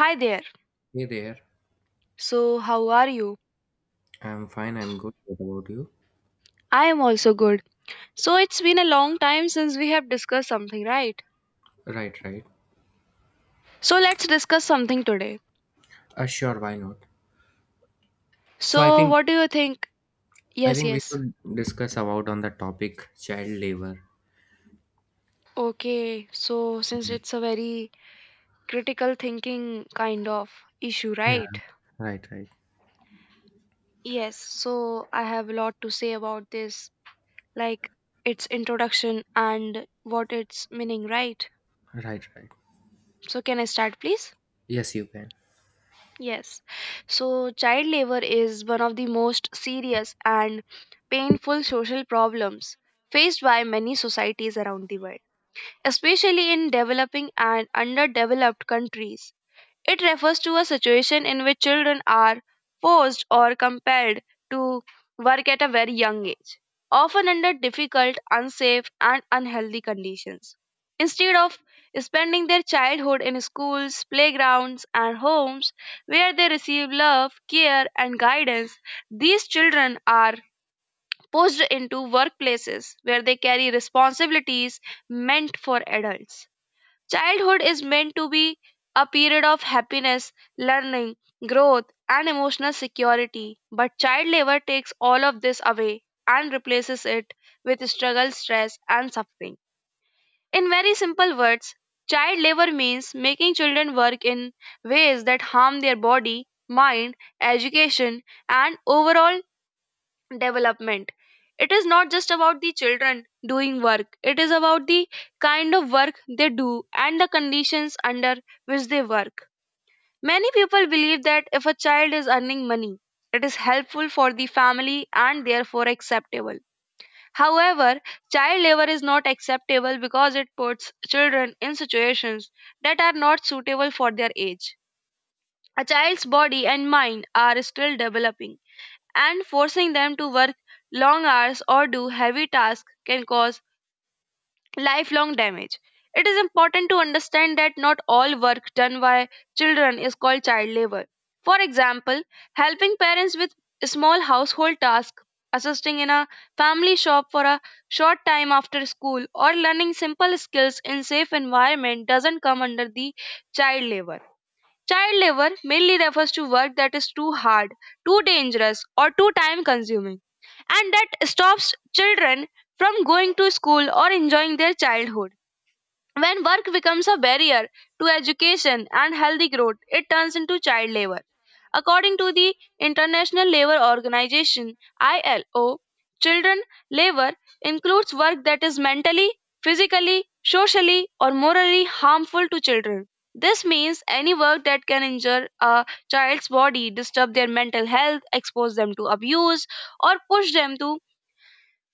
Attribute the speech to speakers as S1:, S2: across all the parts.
S1: Hi there.
S2: Hey there.
S1: So, how are you?
S2: I'm fine. I'm good. What about you?
S1: I am also good. So, it's been a long time since we have discussed something, right?
S2: Right, right.
S1: So, let's discuss something today.
S2: Sure, why not? So I
S1: So,
S2: think
S1: what do you think?
S2: I
S1: Yes,
S2: think we
S1: yes.
S2: should discuss about on the topic child labor.
S1: Okay. So, since it's a very critical thinking kind of issue,
S2: Yeah.
S1: right?
S2: Right, right.
S1: Yes. So, I have a lot to say about this, like its introduction and what its meaning, right?
S2: Right, right.
S1: So, can I start, please?
S2: Yes, you can.
S1: Yes. So, child labor is one of the most serious and painful social problems faced by many societies around the world, especially in developing and underdeveloped countries. It refers to a situation in which children are forced or compelled to work at a very young age, often under difficult, unsafe, and unhealthy conditions. Instead of spending their childhood in schools, playgrounds, and homes where they receive love, care, and guidance, these children are pushed into workplaces where they carry responsibilities meant for adults. Childhood is meant to be a period of happiness, learning, growth, and emotional security. But child labor takes all of this away and replaces it with struggle, stress, and suffering. In very simple words, child labor means making children work in ways that harm their body, mind, education, and overall development. It is not just about the children doing work, it is about the kind of work they do and the conditions under which they work. Many people believe that if a child is earning money, it is helpful for the family and therefore acceptable. However, child labor is not acceptable because it puts children in situations that are not suitable for their age. A child's body and mind are still developing and forcing them to work long hours or do heavy tasks can cause lifelong damage. It is important to understand that not all work done by children is called child labor. For example, helping parents with small household tasks, assisting in a family shop for a short time after school, or learning simple skills in safe environment doesn't come under the child labor. Child labor mainly refers to work that is too hard, too dangerous, or too time consuming, and that stops children from going to school or enjoying their childhood. When work becomes a barrier to education and healthy growth, it turns into child labor. According to the International Labour Organization ILO, children labor includes work that is mentally, physically, socially, or morally harmful to children. This means any work that can injure a child's body, disturb their mental health, expose them to abuse, or push them to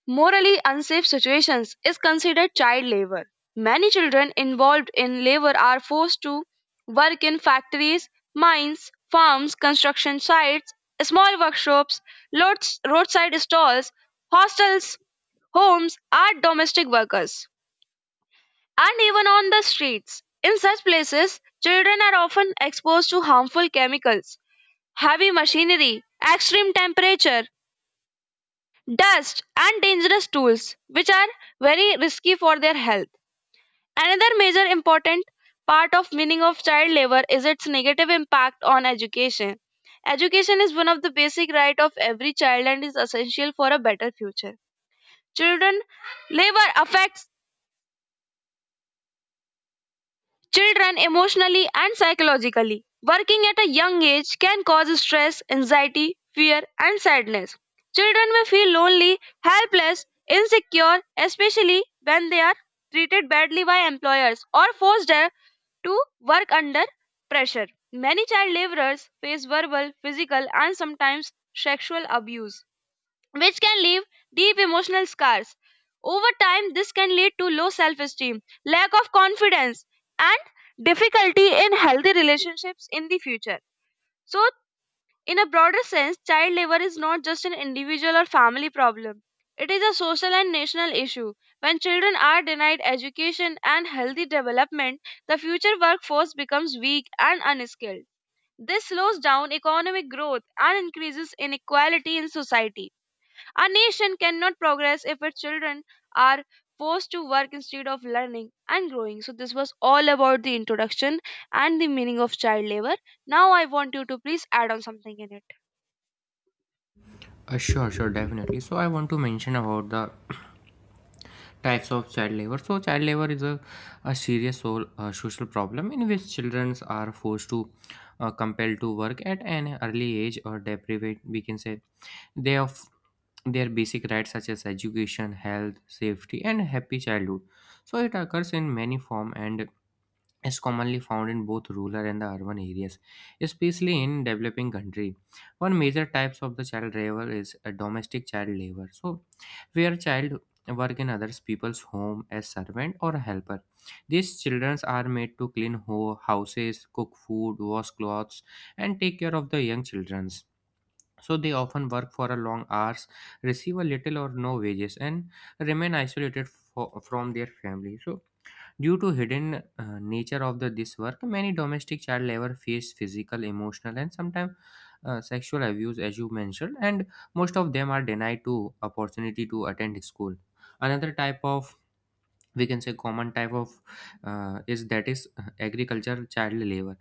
S1: morally unsafe situations is considered child labor. Many children involved in labor are forced to work in factories, mines, farms, construction sites, small workshops, roadside stalls, hostels, homes, are domestic workers, and even on the streets. In such places, children are often exposed to harmful chemicals, heavy machinery, extreme temperature, dust, and dangerous tools, which are very risky for their health. Another major important part of meaning of child labor is its negative impact on education. Education is one of the basic right of every child and is essential for a better future. Children labor affects children, emotionally and psychologically, working at a young age can cause stress, anxiety, fear, and sadness. Children may feel lonely, helpless, insecure, especially when they are treated badly by employers or forced to work under pressure. Many child laborers face verbal, physical, and sometimes sexual abuse which can leave deep emotional scars. Over time, this can lead to low self esteem, lack of confidence, and difficulty in healthy relationships in the future. So, in a broader sense, child labor is not just an individual or family problem. It is a social and national issue. When children are denied education and healthy development, the future workforce becomes weak and unskilled. This slows down economic growth and increases inequality in society. Our nation cannot progress if its children are forced to work instead of learning and growing. So, this was all about the introduction and the meaning of child labor. Now, I want you to please add on something in it.
S2: Sure definitely. So I want to mention about the types of child labor. So child labor is a serious social problem in which children are forced to compelled to work at an early age or deprivate, we can say, they of their basic rights such as education health safety and happy childhood, so it occurs in many form and is commonly found in both rural and the urban areas, especially in developing country. One major types of the child labor is a domestic child labor, so where child work in others people's home as servant or helper. These children are made to clean houses, cook food, wash clothes, and take care of the young children's, so they often work for a long hours, receive a little or no wages, and remain isolated from their family. So due to hidden nature of this work, many domestic child labor face physical, emotional, and sometimes sexual abuse, as you mentioned, and most of them are denied to opportunity to attend school. Another type of, we can say, common type of, is that is agriculture child labor,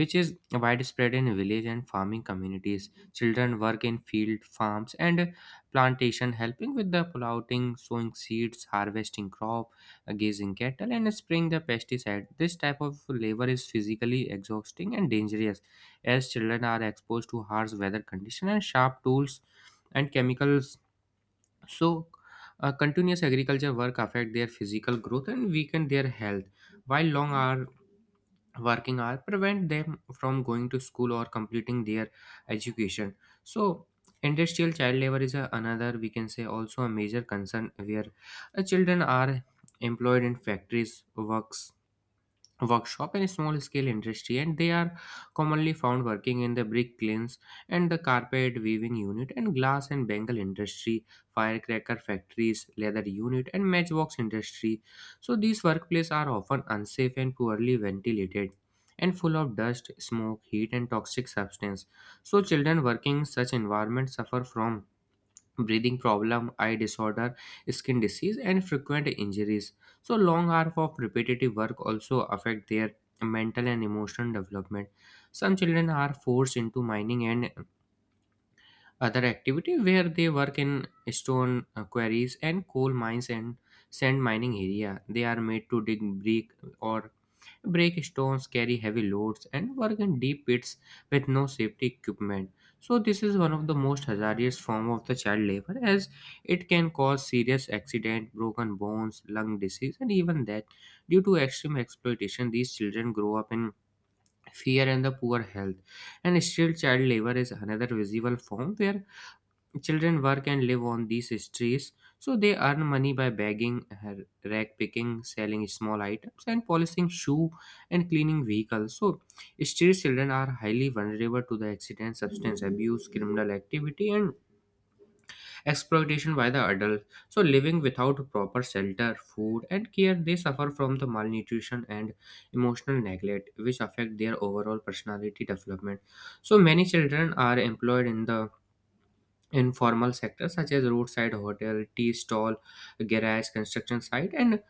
S2: which is widespread in village and farming communities. Children work in field farms and plantation, helping with the plowing, sowing seeds, harvesting crop, grazing cattle, and spraying the pesticide. This type of labor is physically exhausting and dangerous, as children are exposed to harsh weather conditions and sharp tools and chemicals. So, continuous agriculture work affect their physical growth and weaken their health, while long hour working hour prevent them from going to school or completing their education. So, industrial child labor is another, we can say, also a major concern, where children are employed in factories works, workshop, and small scale industry, and they are commonly found working in the brick kilns and the carpet weaving unit and glass and bangle industry, firecracker factories, leather unit, and matchbox industry. So these workplaces are often unsafe and poorly ventilated and full of dust, smoke, heat, and toxic substance. So children working in such environments suffer from breathing problem, eye disorder, skin disease, and frequent injuries. So long hours of repetitive work also affect their mental and emotional development. Some children are forced into mining and other activity, where they work in stone quarries and coal mines and sand mining area. They are made to dig brick or break stones, carry heavy loads, and work in deep pits with no safety equipment. So this is one of the most hazardous form of the child labor, as it can cause serious accident, broken bones, lung disease, and even death. Due to extreme exploitation, these children grow up in fear and the poor health. And still child labor is another visible form, where children work and live on these streets, so they earn money by begging, rag picking, selling small items, and polishing shoe and cleaning vehicles. So, street children are highly vulnerable to the accident, substance abuse, criminal activity, and exploitation by the adults. So, living without proper shelter, food, and care, they suffer from the malnutrition and emotional neglect, which affect their overall personality development. So, many children are employed in the informal sectors, such as roadside hotel, tea stall, garage, construction site, and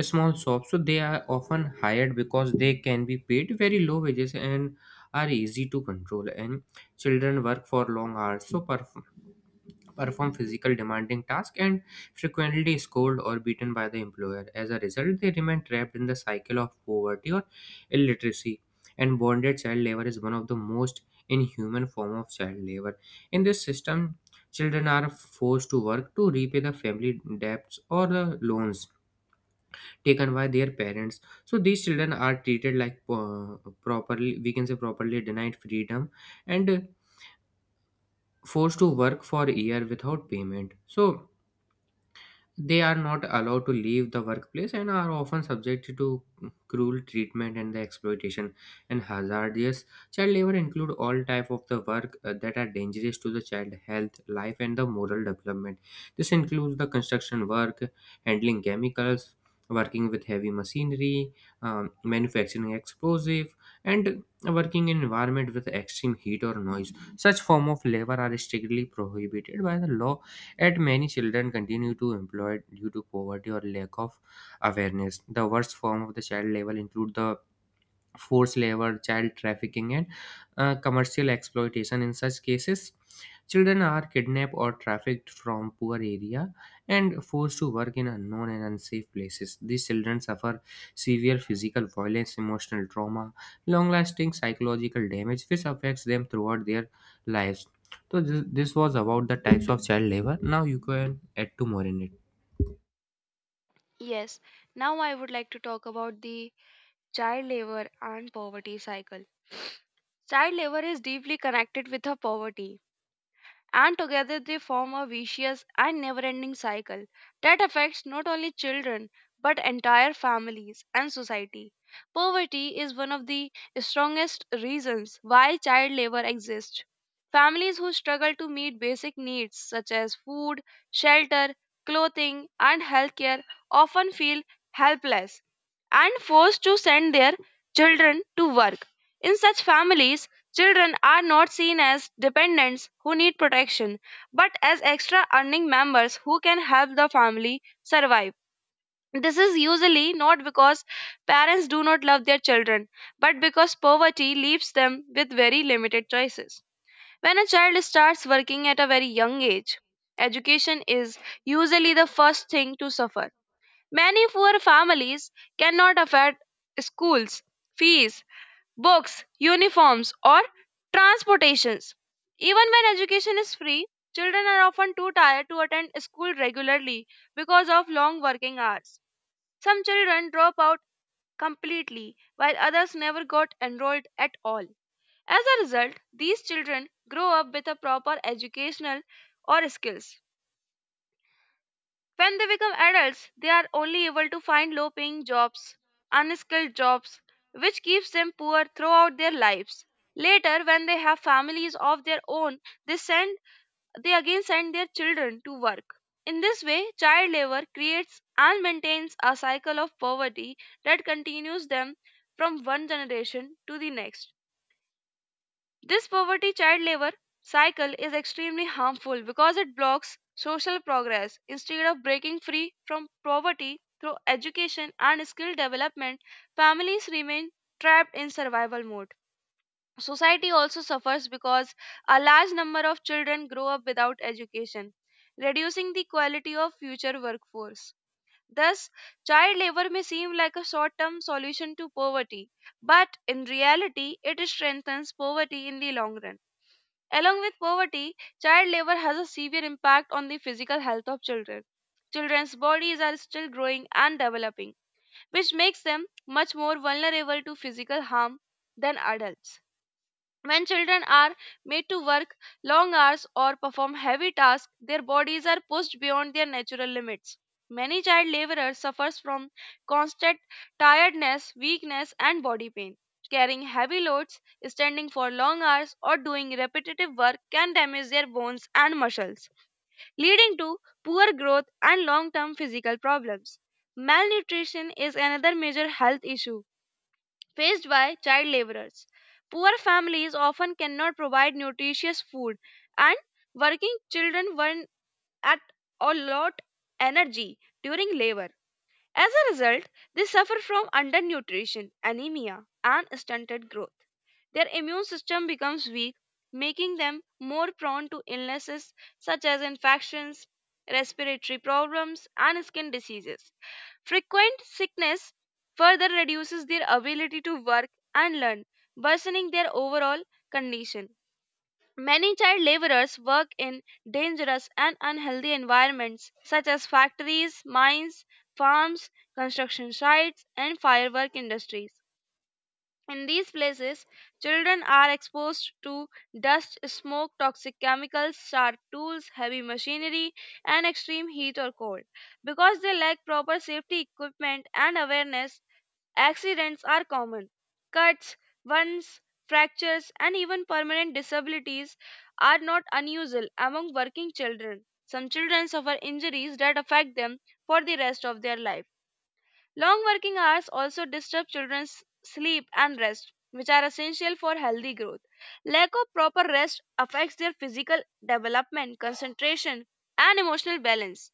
S2: small shops. So they are often hired because they can be paid very low wages and are easy to control, and children work for long hours, so perform physical demanding tasks and frequently scolded or beaten by the employer. As a result, they remain trapped in the cycle of poverty or illiteracy. And bonded child labor is one of the most inhuman form of child labor. In this system, children are forced to work to repay the family debts or the loans taken by their parents. So these children are treated like properly, we can say, properly denied freedom and forced to work for a year without payment. So they are not allowed to leave the workplace and are often subjected to cruel treatment and the exploitation. And hazardous child labor include all type of the work that are dangerous to the child health life and the moral development. This includes the construction work, handling chemicals, working with heavy machinery, manufacturing explosive, and working in environment with extreme heat or noise. Such form of labor are strictly prohibited by the law, yet many children continue to employed due to poverty or lack of awareness. The worst form of the child labor include the forced labor, child trafficking, and commercial exploitation. In such cases, children are kidnapped or trafficked from poor area and forced to work in unknown and unsafe places. These children suffer severe physical violence, emotional trauma, long-lasting psychological damage, which affects them throughout their lives. So this was about the types of child labor. Now you can add to more in it.
S1: Yes, now I would like to talk about the child labor and poverty cycle. Child labor is deeply connected with the poverty and together they form a vicious and never ending cycle that affects not only children but entire families and society. Poverty is one of the strongest reasons why child labor exists. Families who struggle to meet basic needs such as food, shelter, clothing, and healthcare often feel helpless and forced to send their children to work. In such families, children are not seen as dependents who need protection, but as extra earning members who can help the family survive. This is usually not because parents do not love their children, but because poverty leaves them with very limited choices. When a child starts working at a very young age, education is usually the first thing to suffer. Many poor families cannot afford schools, fees, books, uniforms, or transportations. Even when education is free, children are often too tired to attend school regularly because of long working hours. Some children drop out completely, while others never got enrolled at all. As a result, these children grow up with a proper educational or skills when they become adults, they are only able to find low paying jobs, unskilled jobs, which keeps them poor throughout their lives. Later, when they have families of their own, they send they again send their children to work. In this way, child labor creates and maintains a cycle of poverty that continues them from one generation to the next. This poverty child labor cycle is extremely harmful because it blocks social progress. Instead of breaking free from poverty through education and skill development, families remain trapped in survival mode. Society also suffers because a large number of children grow up without education, reducing the quality of future workforce. Thus, child labor may seem like a short term solution to poverty, but in reality, it strengthens poverty in the long run. Along with poverty, child labor has a severe impact on the physical health of children. Children's bodies are still growing and developing, which makes them much more vulnerable to physical harm than adults. When children are made to work long hours or perform heavy tasks, their bodies are pushed beyond their natural limits. Many child laborers suffers from constant tiredness, weakness and body pain. Carrying heavy loads, standing for long hours or doing repetitive work can damage their bones and muscles, leading to poor growth and long-term physical problems. Malnutrition is another major health issue faced by child laborers. Poor families often cannot provide nutritious food, and working children burn at a lot energy during labor. As a result, they suffer from undernutrition, anemia, and stunted growth. Their immune system becomes weak, making them more prone to illnesses such as infections, respiratory problems, and skin diseases. Frequent sickness further reduces their ability to work and learn, worsening their overall condition. Many child laborers work in dangerous and unhealthy environments such as factories, mines, farms, construction sites, and firework industries. In these places, children are exposed to dust, smoke, toxic chemicals, sharp tools, heavy machinery, and extreme heat or cold. Because they lack proper safety equipment and awareness, accidents are common. Cuts, wounds, fractures, and even permanent disabilities are not unusual among working children. Some children suffer injuries that affect them for the rest of their life. Long working hours also disturb children's sleep and rest, which are essential for healthy growth. Lack of proper rest affects their physical development, concentration, and emotional balance.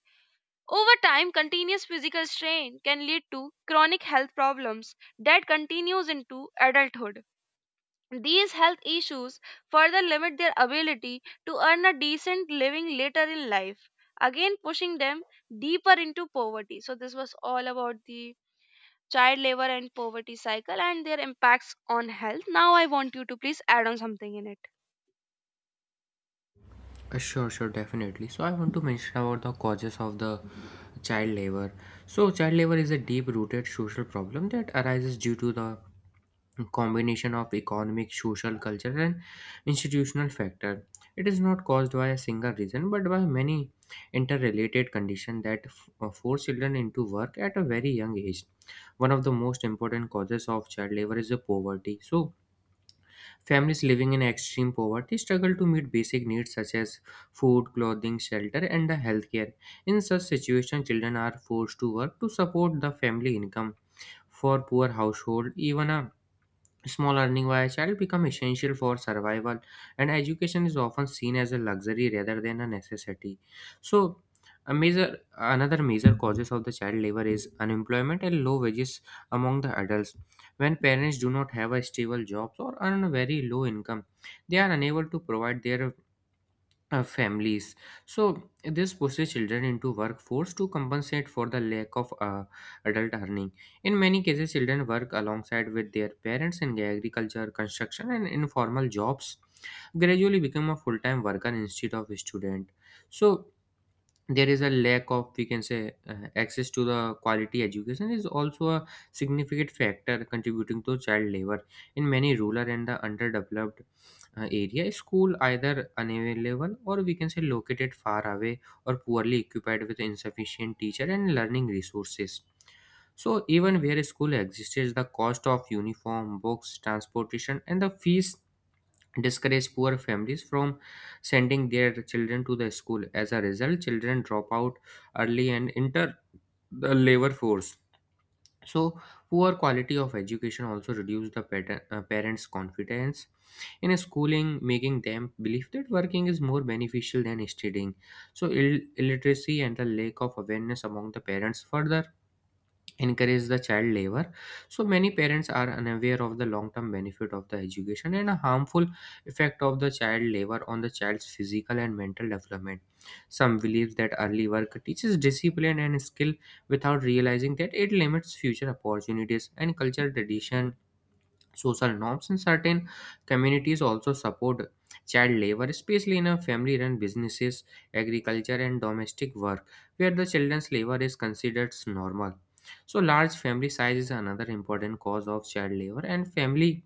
S1: Over time, continuous physical strain can lead to chronic health problems that continues into adulthood. These health issues further limit their ability to earn a decent living later in life, again pushing them deeper into poverty. So this was all about the child labor and poverty cycle and their impacts on health. Now I want you to please add on something in it.
S2: Sure, definitely. So I want to mention about the causes of the child labor. So child labor is a deep-rooted social problem that arises due to the combination of economic, social, cultural, and institutional factor. It is not caused by a single reason, but by many interrelated conditions that force children into work at a very young age. One of the most important causes of child labor is the poverty. So families living in extreme poverty struggle to meet basic needs such as food, clothing, shelter, and the healthcare. In such situations, children are forced to work to support the family income. For poor household, even a small earning by a child become essential for survival, and education is often seen as a luxury rather than a necessity. So, a major another major causes of the child labor is unemployment and low wages among the adults. When parents do not have a stable job or earn a very low income, they are unable to provide their families. So this pushes children into workforce to compensate for the lack of adult earning. In many cases, children work alongside with their parents in agriculture, construction, and informal jobs. Gradually, become a full-time worker instead of a student. So there is a lack of, we can say, access to the quality education is also a significant factor contributing to child labor. In many rural and the underdeveloped area, school either unavailable or, we can say, located far away or poorly equipped with insufficient teacher and learning resources. So even where school exists, the cost of uniform, books, transportation, and the fees discourage poor families from sending their children to the school. As a result, children drop out early and enter the labor force. So, poor quality of education also reduces the parents' confidence in schooling, making them believe that working is more beneficial than studying. So, illiteracy and the lack of awareness among the parents further encourage the child labor. So many parents are unaware of the long-term benefit of the education and a harmful effect of the child labor on the child's physical and mental development. Some believe that early work teaches discipline and skill without realizing that it limits future opportunities and cultural tradition. Social norms in certain communities also support child labor, especially in a family-run businesses, agriculture, and domestic work, where the children's labor is considered normal. So, large family size is another important cause of child labor, and family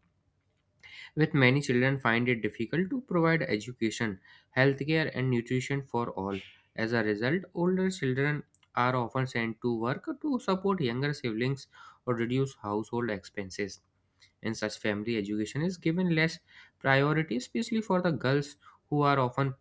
S2: with many children find it difficult to provide education, healthcare, and nutrition for all. As a result, older children are often sent to work to support younger siblings or reduce household expenses. In such family, education is given less priority, especially for the girls, who are often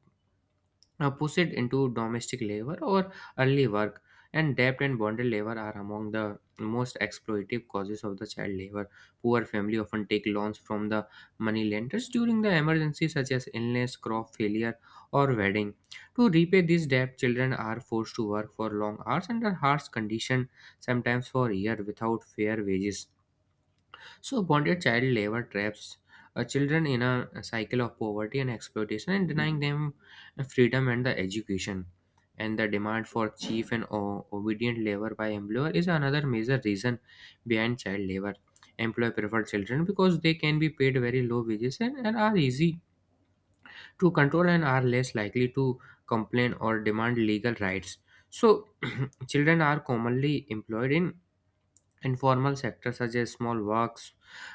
S2: pushed into domestic labor or early work. And debt and bonded labor are among the most exploitative causes of the child labor. Poor family often take loans from the money lenders during the emergency, such as illness, crop failure, or wedding. To repay this debt, children are forced to work for long hours under harsh conditions, sometimes for years without fair wages. So, bonded child labor traps children in a cycle of poverty and exploitation and denying them freedom and the education. And the demand for cheap and obedient labor by employer is another major reason behind child labor. Employer prefer children because they can be paid very low wages, and are easy to control and are less likely to complain or demand legal rights. So, children are commonly employed in informal sectors such as small works,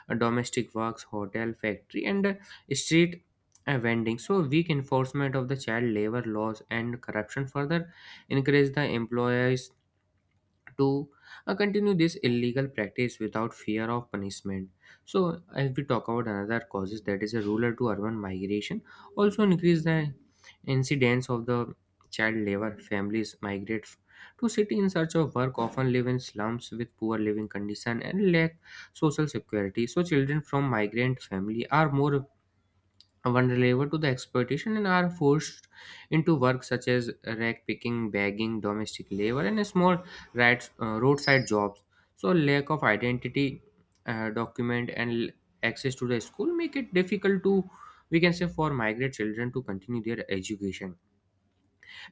S2: domestic works, hotel, factory, and street vending. So weak enforcement of the child labor laws and corruption further encourage the employers to continue this illegal practice without fear of punishment. So, as we talk about another causes, that is a rural to urban migration, also increase the incidence of the child labor. Families migrate to city in search of work, often live in slums with poor living condition and lack social security. So, children from migrant family are more vulnerable to the exploitation and are forced into work such as rag picking, bagging, domestic labor, and small rides, roadside jobs. So, lack of identity document and access to the school make it difficult to, we can say, for migrant children to continue their education.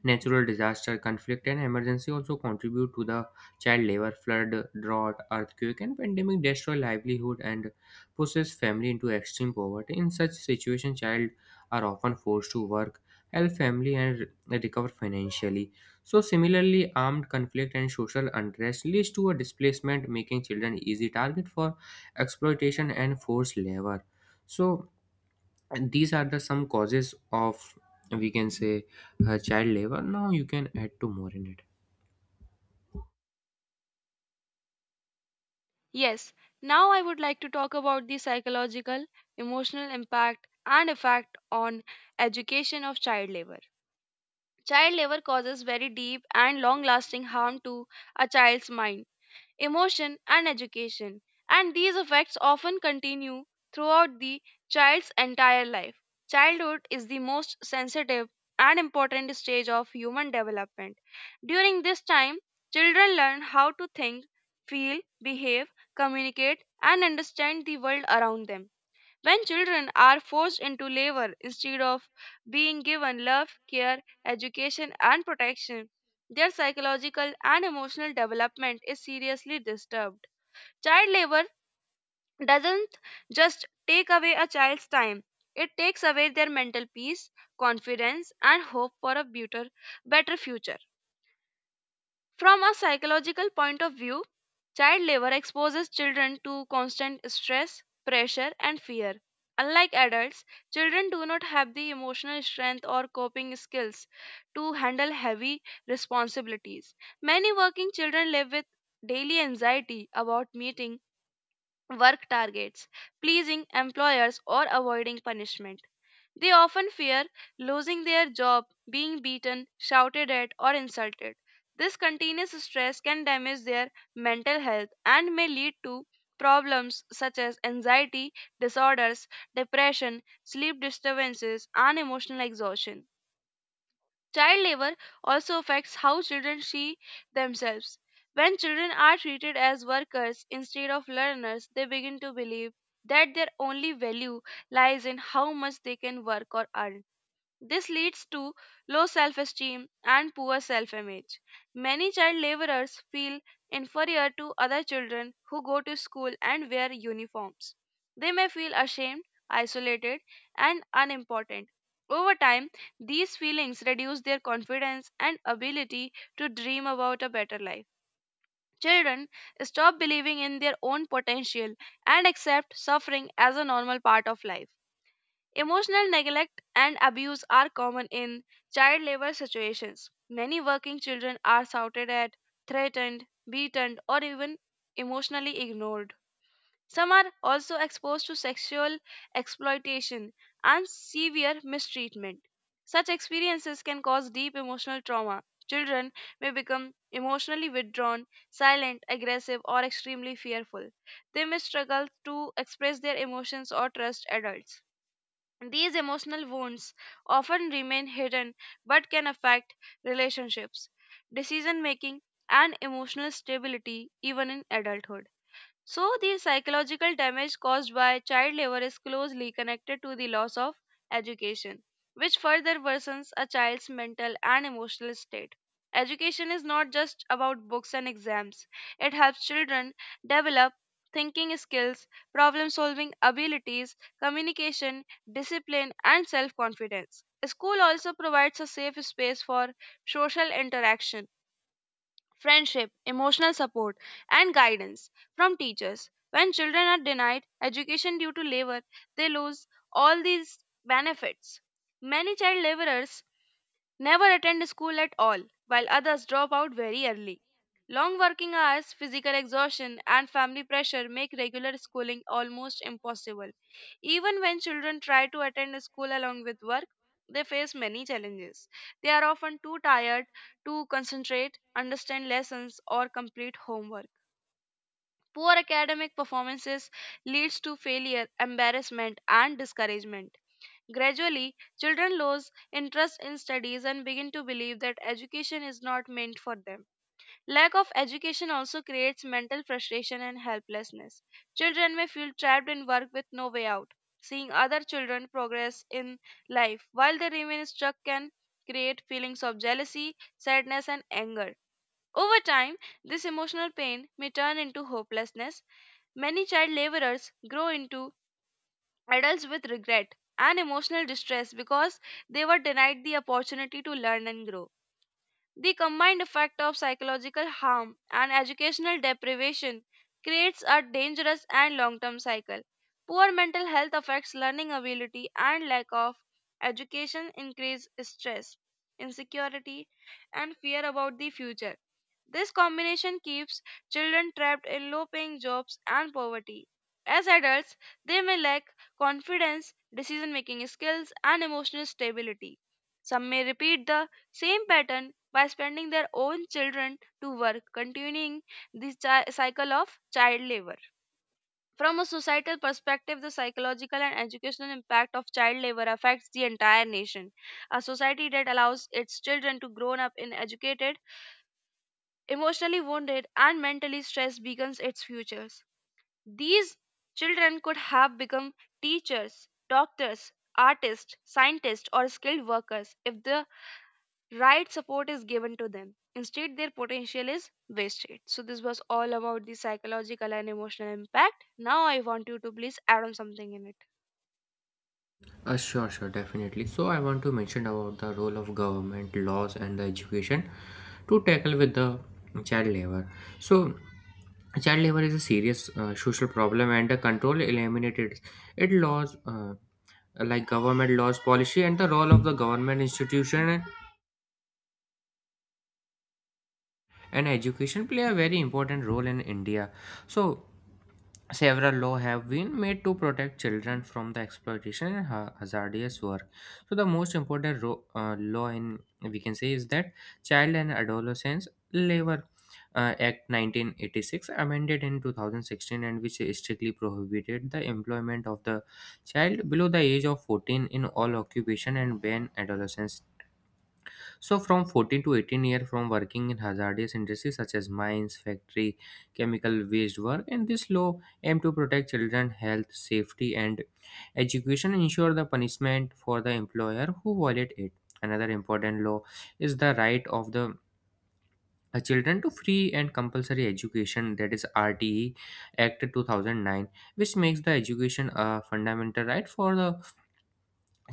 S2: Natural disaster, conflict, and emergency also contribute to the child labor. Flood, drought, earthquake, and pandemic destroy livelihood and pushes family into extreme poverty. In such situation, child are often forced to work, help family, and recover financially. So similarly, armed conflict and social unrest leads to a displacement, making children easy target for exploitation and forced labor. So, and these are the some causes of, we can say, child labor. Now you can add to more in it.
S1: Yes, now I would like to talk about the psychological, emotional impact and effect on education of child labor. Child labor causes very deep and long lasting harm to a child's mind emotion, and education, and these effects often continue throughout the child's entire life. Childhood is the most sensitive and important stage of human development. During this time, children learn how to think, feel, behave, communicate, and understand the world around them. When children are forced into labor instead of being given love, care, education, and protection, their psychological and emotional development is seriously disturbed. Child labor doesn't just take away a child's time, it takes away their mental peace, confidence, and hope for a better future. From a psychological point of view, child labor exposes children to constant stress, pressure, and fear. Unlike adults, children do not have the emotional strength or coping skills to handle heavy responsibilities. Many working children live with daily anxiety about meeting work targets, pleasing employers, or avoiding punishment. They often fear losing their job, being beaten, shouted at, or insulted. This continuous stress can damage their mental health and may lead to problems such as anxiety disorders, depression, sleep disturbances, and emotional exhaustion. Child labor also affects how children see themselves. When children are treated as workers instead of learners, they begin to believe that their only value lies in how much they can work or earn. This leads to low self esteem and poor self image. Many child laborers feel inferior to other children who go to school and wear uniforms. They may feel ashamed, isolated, and unimportant. Over time, these feelings reduce their confidence and ability to dream about a better life. Children stop believing in their own potential and accept suffering as a normal part of life. Emotional neglect and abuse are common in child labor situations. Many working children are shouted at, threatened, beaten, or even emotionally ignored. Some are also exposed to sexual exploitation and severe mistreatment. Such experiences can cause deep emotional trauma. Children may become emotionally withdrawn, silent, aggressive, or extremely fearful. They may struggle to express their emotions or trust adults. These emotional wounds often remain hidden but can affect relationships, decision making, and emotional stability even in adulthood. So, the psychological damage caused by child labor is closely connected to the loss of education, which further worsens a child's mental and emotional state. Education is not just about books and exams, it helps children develop thinking skills, problem solving abilities, communication, discipline, and self confidence. School also provides a safe space for social interaction friendship, emotional support, and guidance from teachers. When children are denied education due to labor, they lose all these benefits. Many child laborers never attend school at all, while others drop out very early. Long working hours, physical exhaustion, and family pressure make regular schooling almost impossible. Even when children try to attend school along with work, they face many challenges. They are often too tired to concentrate, understand lessons, or complete homework. Poor academic performances leads to failure, embarrassment, and discouragement. Gradually, children lose interest in studies and begin to believe that education is not meant for them. Lack of education also creates mental frustration and helplessness. Children may feel trapped in work with no way out. Seeing other children progress in life while they remain stuck can create feelings of jealousy, sadness, and anger. Over time, this emotional pain may turn into hopelessness. Many child laborers grow into adults with regret and emotional distress because they were denied the opportunity to learn and grow the combined effect of psychological harm and educational deprivation creates a dangerous and long term cycle. Poor mental health affects learning ability, and lack of education increase stress, insecurity, and fear about the future. This combination keeps children trapped in low paying jobs and poverty. As adults, they may lack confidence, decision making skills, and emotional stability. Some may repeat the same pattern by spending their own children to work, continuing this cycle of child labor. From a societal perspective, the psychological and educational impact of child labor affects the entire nation. A society that allows its children to grow up in educated, emotionally wounded, and mentally stressed becomes its futures. These children could have become teachers, doctors, artists, scientists, or skilled workers if the right support is given to them. Instead, their potential is wasted. So, this was all about the psychological and emotional impact. Now, I want you to please add on something in it.
S2: Sure, sure, definitely. So I want to mention about the role of government laws and the education to tackle with the child labor. So child labor is a serious social problem, and the control eliminated it laws, like government laws, policy, and the role of the government institution and education play a very important role in India. So several law have been made to protect children from the exploitation and hazardous work. So the most important law in, we can say, is that Child and Adolescents Labor Act 1986, amended in 2016, and which strictly prohibited the employment of the child below the age of 14 in all occupation, and ban adolescents, so from 14 to 18 year, from working in hazardous industries such as mines, factory, chemical waste work. And this law aim to protect children health, safety, and education, ensure the punishment for the employer who violate it. Another important law is the Right of the Children to Free and Compulsory Education, that is RTE Act 2009, which makes the education a fundamental right for the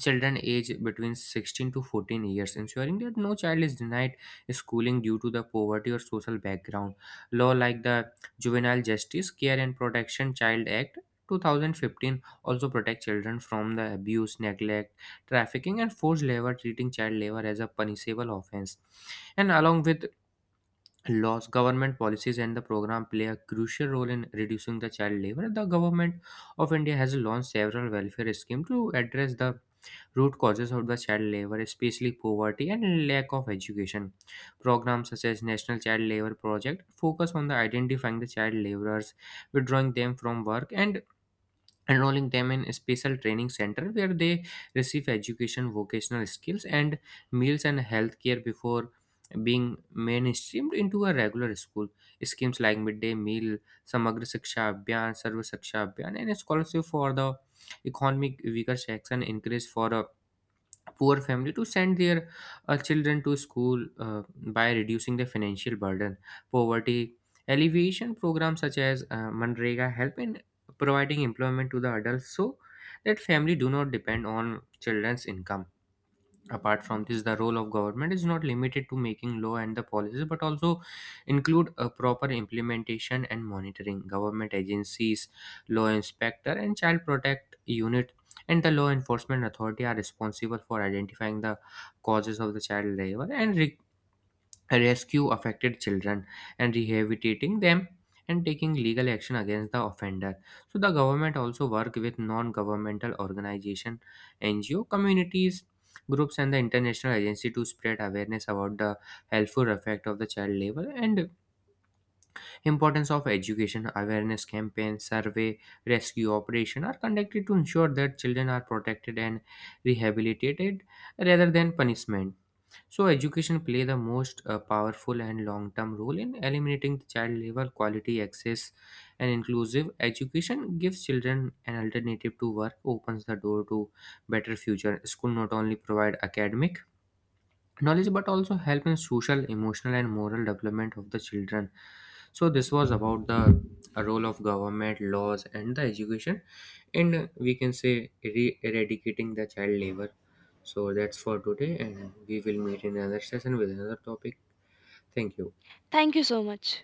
S2: children age between 16 to 14 years, ensuring that no child is denied schooling due to the poverty or social background. Law like the Juvenile Justice Care and Protection Child Act 2015 also protect children from the abuse, neglect, trafficking, and forced labor, treating child labor as a punishable offense. And along with laws, government policies, and the program play a crucial role in reducing the child labor. The government of India has launched several welfare schemes to address the root causes of the child labor, especially poverty and lack of education. Programs such as National Child Labor Project focus on the identifying the child laborers, withdrawing them from work, and enrolling them in a special training center where they receive education, vocational skills, and meals and healthcare before being mainstreamed into a regular school. Schemes like midday meal, Samagra Shiksha Abhiyan, Sarva Shiksha Abhiyan, and a scholarship for the economic weaker section encouraged for a poor family to send their children to school by reducing the financial burden. Poverty alleviation programs such as MANREGA help in providing employment to the adults so that family do not depend on children's income. Apart from this, the role of government is not limited to making law and the policies but also include a proper implementation and monitoring. Government agencies, law inspector, and child protect unit and the law enforcement authority are responsible for identifying the causes of the child labor and rescue affected children and rehabilitating them and taking legal action against the offender. So the government also work with non-governmental organization, NGO, communities, groups, and the international agency to spread awareness about the helpful effect of the child labor and importance of education. Awareness campaigns, survey, rescue operation are conducted to ensure that children are protected and rehabilitated rather than punishment. So education play the most powerful and long-term role in eliminating the child labor. Quality access and inclusive education gives children an alternative to work, opens the door to better future. School not only provide academic knowledge but also help in social, emotional, and moral development of the children. So this was about the role of government laws and the education and, we can say, eradicating the child labor. So that's for today, and we will meet in another session with another topic. Thank you.
S1: Thank you so much.